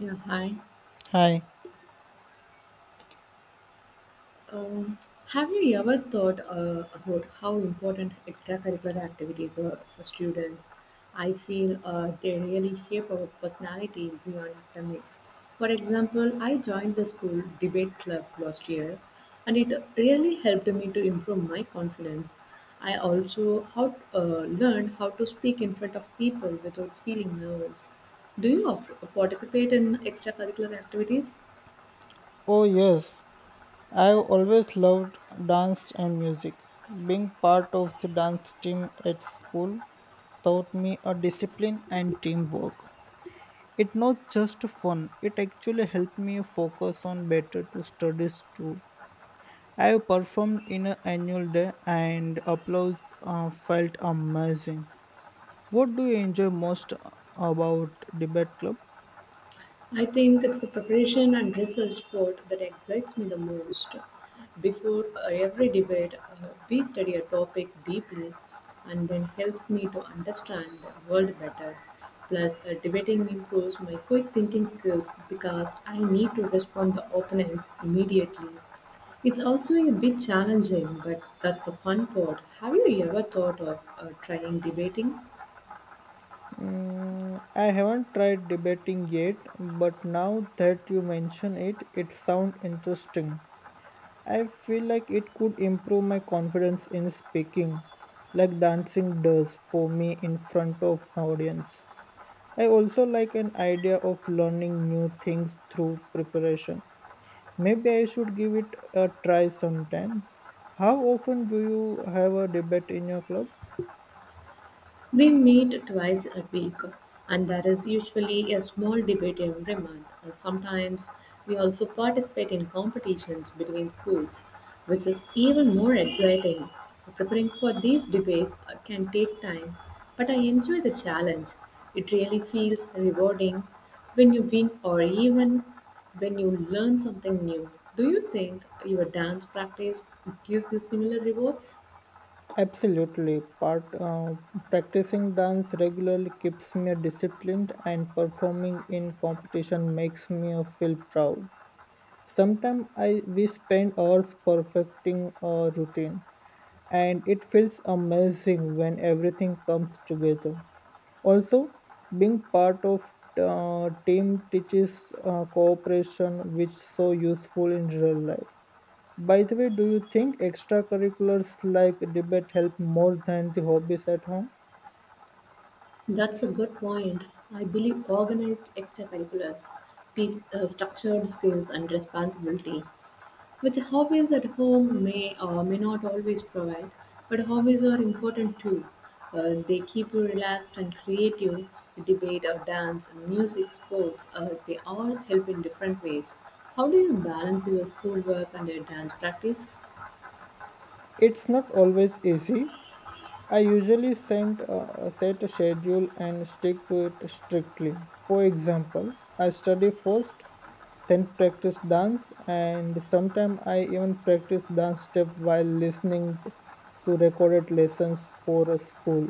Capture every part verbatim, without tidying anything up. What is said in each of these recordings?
Yeah, hi. Hi. Um, have you ever thought uh, about how important extracurricular activities are for students? I feel uh, they really shape our personality beyond academics. For example, I joined the school debate club last year, and it really helped me to improve my confidence. I also how, uh, learned how to speak in front of people without feeling nervous. Do you uh, participate in extracurricular activities? Oh, yes. I've always loved dance and music. Being part of the dance team at school taught me a discipline and teamwork. It not just fun, it actually helped me focus on better to studies too. I performed in an annual day and applause uh, felt amazing. What do you enjoy most about debate club? I think it's the preparation and research part that excites me the most. Before uh, every debate, uh, we study a topic deeply and then helps me to understand the world better. Plus, uh, debating improves my quick thinking skills because I need to respond to opponents immediately. It's also a bit challenging, but that's the fun part. Have you ever thought of uh, trying debating? Mm, I haven't tried debating yet, but now that you mention it, it sounds interesting. I feel like it could improve my confidence in speaking, like dancing does for me in front of audience. I also like an idea of learning new things through preparation. Maybe I should give it a try sometime. How often do you have a debate in your club? We meet twice a week, and there is usually a small debate every month. And sometimes we also participate in competitions between schools, which is even more exciting. Preparing for these debates uh, can take time, but I enjoy the challenge. It really feels rewarding when you win or even when you learn something new. Do you think your dance practice gives you similar rewards? Absolutely. Part uh, Practicing dance regularly keeps me disciplined, and performing in competition makes me uh, feel proud. Sometimes I we spend hours perfecting a routine, and it feels amazing when everything comes together. Also, being part of uh, team teaches uh, cooperation, which so useful in real life. By the way, do you think extracurriculars like debate help more than the hobbies at home? That's a good point. I believe organized extracurriculars teach uh, structured skills and responsibility, which hobbies at home may or may not always provide. But hobbies are important too. Uh, they keep you relaxed and creative. Debate or dance, music, sports, uh, they all help in different ways. How do you balance your schoolwork and your dance practice? It's not always easy. I usually send, uh, set a schedule and stick to it strictly. For example, I study first, then practice dance, and sometimes I even practice dance step while listening to recorded lessons for a school.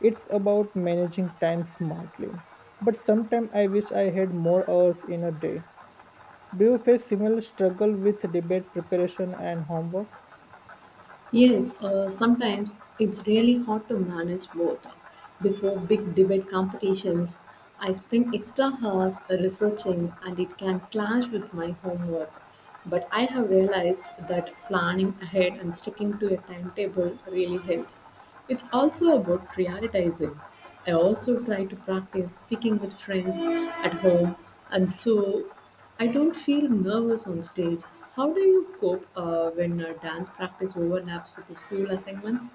It's about managing time smartly. But sometimes I wish I had more hours in a day. Do you face similar struggle with debate preparation and homework? Yes, uh, sometimes it's really hard to manage both. Before big debate competitions, I spend extra hours researching and it can clash with my homework. But I have realized that planning ahead and sticking to a timetable really helps. It's also about prioritizing. I also try to practice speaking with friends at home and so I don't feel nervous on stage. How do you cope uh, when uh, dance practice overlaps with the school assignments?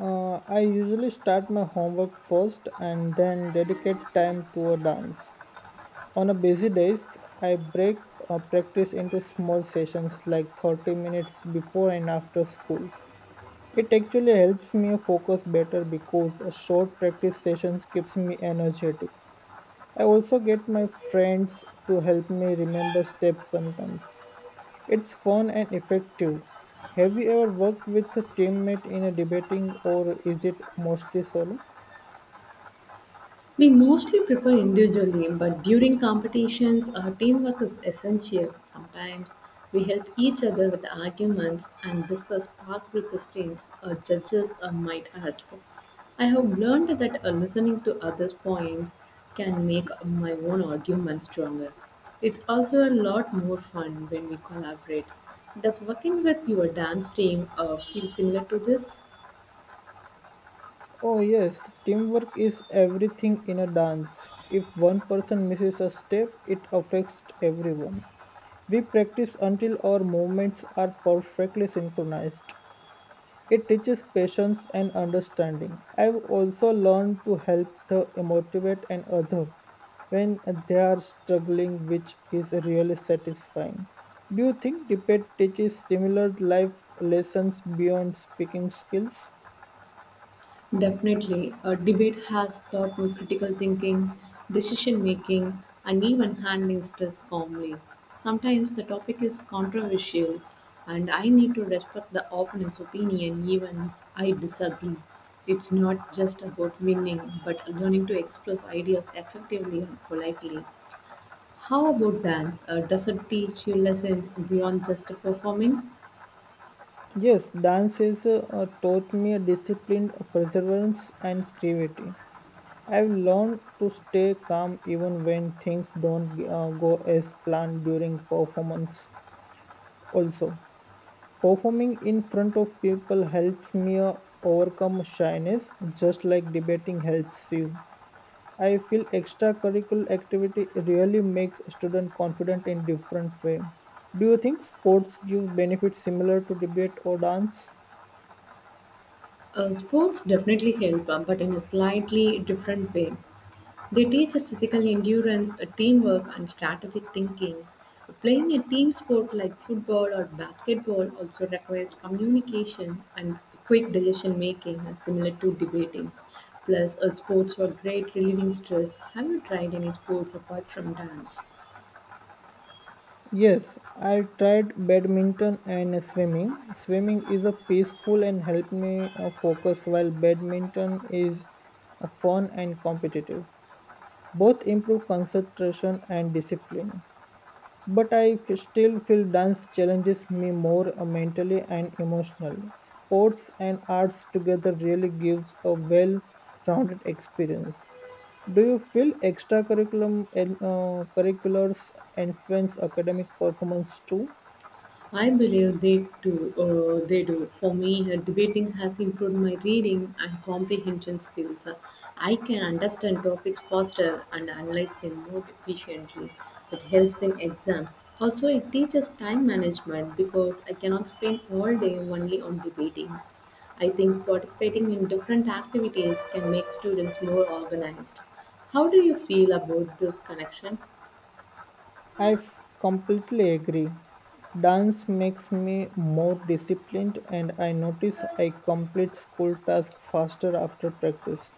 Uh, I usually start my homework first and then dedicate time to a dance. On a busy days, I break uh, practice into small sessions like thirty minutes before and after schools. It actually helps me focus better because a short practice sessions keeps me energetic. I also get my friends to help me remember steps sometimes. It's fun and effective. Have you ever worked with a teammate in a debating or is it mostly solo? We mostly prepare individually, but during competitions, our teamwork is essential. Sometimes we help each other with arguments and discuss possible questions our judges uh, might ask. I have learned that uh, listening to others' points can make my own argument stronger. It's also a lot more fun when we collaborate. Does working with your dance team uh, feel similar to this? Oh yes, teamwork is everything in a dance. If one person misses a step, it affects everyone. We practice until our movements are perfectly synchronized. It teaches patience and understanding. I've also learned to help the motivate and other when they are struggling, which is really satisfying. Do you think debate teaches similar life lessons beyond speaking skills? Definitely, a debate has taught me critical thinking, decision making, and even handling stress calmly. Sometimes the topic is controversial, and I need to respect the opponent's opinion even if I disagree. It's not just about winning, but learning to express ideas effectively and politely. How about dance? Uh, does it teach you lessons beyond just performing? Yes, dance has uh, taught me a discipline, a perseverance, and creativity. I've learned to stay calm even when things don't uh, go as planned during performance. Also, performing in front of people helps me uh, overcome shyness, just like debating helps you. I feel extracurricular activity really makes student confident in different way. Do you think sports give benefits similar to debate or dance? Uh, sports definitely help, uh, but in a slightly different way. They teach physical endurance, teamwork, and strategic thinking. Playing a team sport like football or basketball also requires communication and quick decision making, uh, similar to debating. Plus, uh, sports were great relieving stress. Have you tried any sports apart from dance? Yes, I tried badminton and swimming. Swimming is a peaceful and helped me uh, focus while badminton is uh, fun and competitive. Both improve concentration and discipline. But I f- still feel dance challenges me more uh, mentally and emotional. Sports and arts together really gives a well-rounded experience. Do you feel extracurriculum and uh, curriculars influence academic performance too? I believe they do. Uh, they do. For me, uh, debating has improved my reading and comprehension skills. I can understand topics faster and analyze them more efficiently. It helps in exams. Also, it teaches time management because I cannot spend all day only on debating. I think participating in different activities can make students more organized. How do you feel about this connection? I f- completely agree. Dance makes me more disciplined and I notice I complete school tasks faster after practice.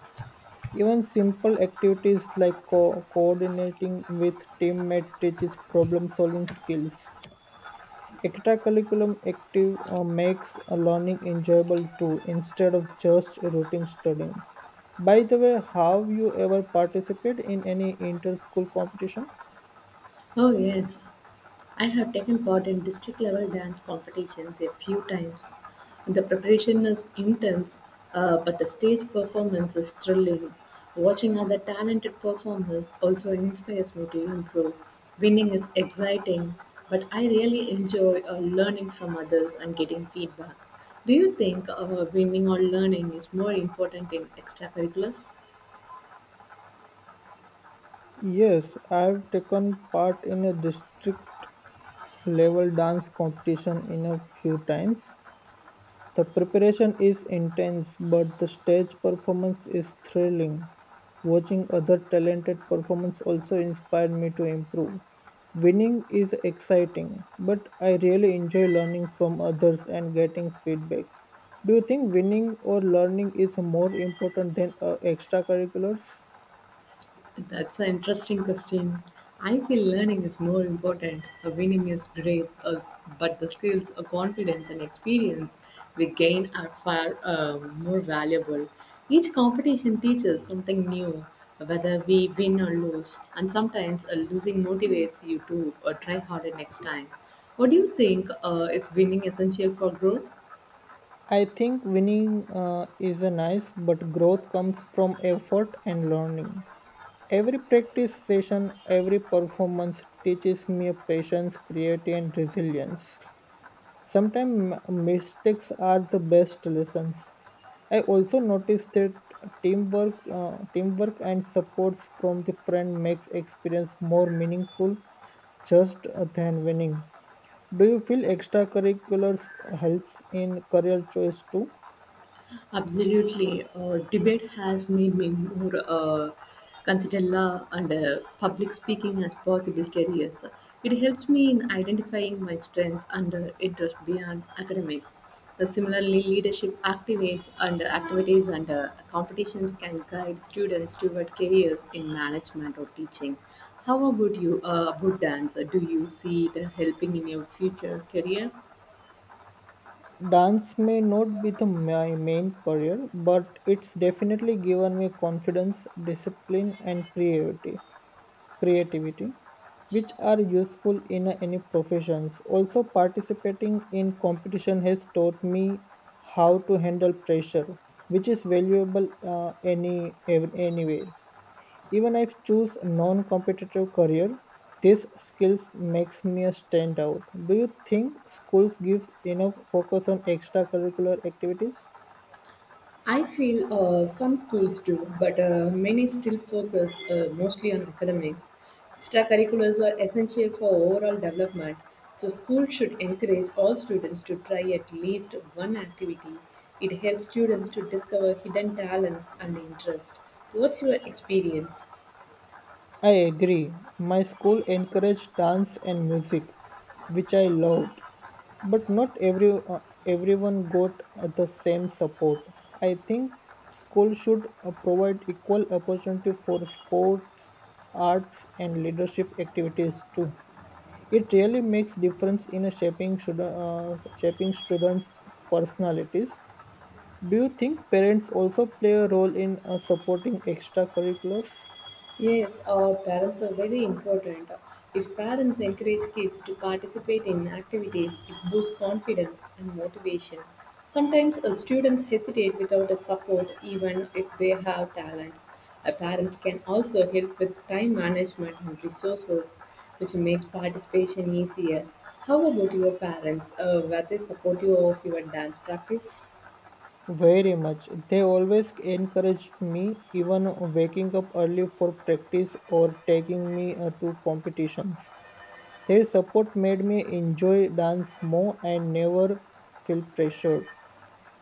Even simple activities like co- coordinating with teammates teaches problem solving skills. Extracurriculum active uh, makes uh, learning enjoyable too instead of just routine studying. By the way, have you ever participated in any inter-school competition? Oh, yes. I have taken part in district level dance competitions a few times. The preparation is intense, uh, but the stage performance is thrilling. Watching other talented performers also inspires me to improve. Winning is exciting, but I really enjoy uh, learning from others and getting feedback. Do you think uh, winning or learning is more important in extracurriculars? Yes, I've taken part in a district level dance competition in a few times. The preparation is intense, but the stage performance is thrilling. Watching other talented performance also inspired me to improve. Winning is exciting, but I really enjoy learning from others and getting feedback. Do you think winning or learning is more important than uh, extracurriculars? That's an interesting question. I feel learning is more important. The winning is great, us- but the skills, uh, confidence, and experience we gain are far uh, more valuable. Each competition teaches something new, whether we win or lose, and sometimes uh, losing motivates you to uh, try harder next time. What do you think, uh, is winning essential for growth? I think winning uh, is a nice, but growth comes from effort and learning. Every practice session, every performance teaches me patience, creativity, and resilience. Sometimes mistakes are the best lessons. I also noticed that teamwork, uh, teamwork and supports from the friend makes experience more meaningful just uh, than winning. Do you feel extracurriculars helps in career choice too? Absolutely. Uh, debate has made me more uh, consider law and uh, public speaking as possible careers. It helps me in identifying my strengths and uh, interests beyond academics. Uh, similarly, leadership activates and activities and uh, competitions can guide students toward careers in management or teaching. How about you uh, about dance? Uh, Do you see it uh, helping in your future career? Dance may not be the my main career, but it's definitely given me confidence, discipline, and creativity creativity which are useful in any professions also participating in competition has taught me how to handle pressure which is valuable uh, any ev- anywhere even if choose non-competitive career these skills makes me a stand out. Do you think schools give enough focus on extracurricular activities? I feel uh, some schools do, but uh, many still focus uh, mostly on academics. Extracurriculars are essential for overall development, so schools should encourage all students to try at least one activity. It helps students to discover hidden talents and interests. What's your experience? I agree. My school encouraged dance and music, which I loved, but not every uh, everyone got uh, the same support. I think school should uh, provide equal opportunity for sports, arts, and leadership activities too. It really makes difference in shaping should, uh, shaping students' personalities. Do you think parents also play a role in uh, supporting extracurriculars? Yes, our parents are very important. If parents encourage kids to participate in activities, it boosts confidence and motivation. Sometimes uh, students hesitate without a support, even if they have talent. Uh, parents can also help with time management and resources, which makes participation easier. How about your parents? Uh, were they supportive of your dance practice? Very much. They always encouraged me, even waking up early for practice or taking me uh, to competitions. Their support made me enjoy dance more and never feel pressured.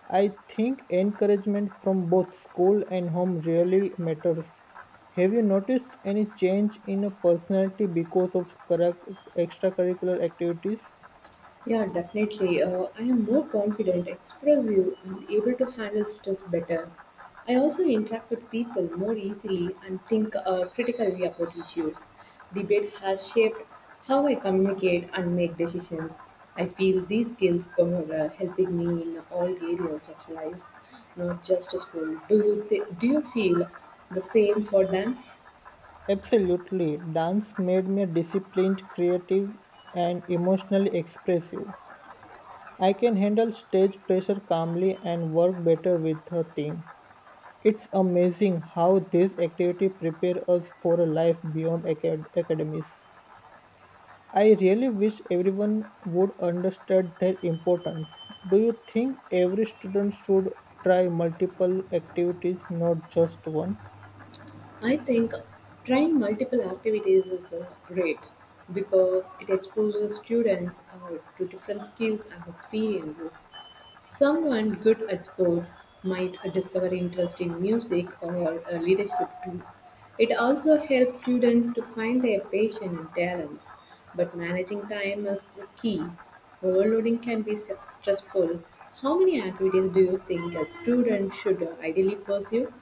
I think encouragement from both school and home really matters. Have you noticed any change in a personality because of curric- extracurricular activities? Yeah, definitely. Uh, I am more confident, expressive, and able to handle stress better. I also interact with people more easily and think uh, critically about issues. Debate has shaped how I communicate and make decisions. I feel these skills are uh, helping me in all areas of life, not just school. Do you, th- do you feel the same for them? Absolutely. Dance made me disciplined, creative, and emotionally expressive. I can handle stage pressure calmly and work better with a team. It's amazing how this activity prepares us for a life beyond acad- academics. I really wish everyone would understand their importance. Do you think every student should try multiple activities, not just one? I think trying multiple activities is uh, great because it exposes students uh, to different skills and experiences. Someone good at sports might uh, discover interest in music or uh, leadership too. It also helps students to find their passion and talents, but managing time is the key. Overloading can be s- stressful. How many activities do you think a student should uh, ideally pursue?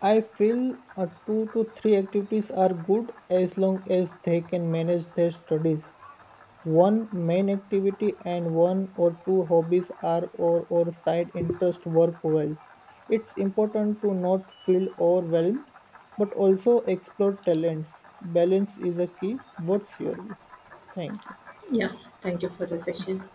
I feel uh, two to three activities are good as long as they can manage their studies. One main activity and one or two hobbies are or, or side interest work well. It's important to not feel overwhelmed but also explore talents. Balance is a key. What's your view? Thank you. Yeah, thank you for the session.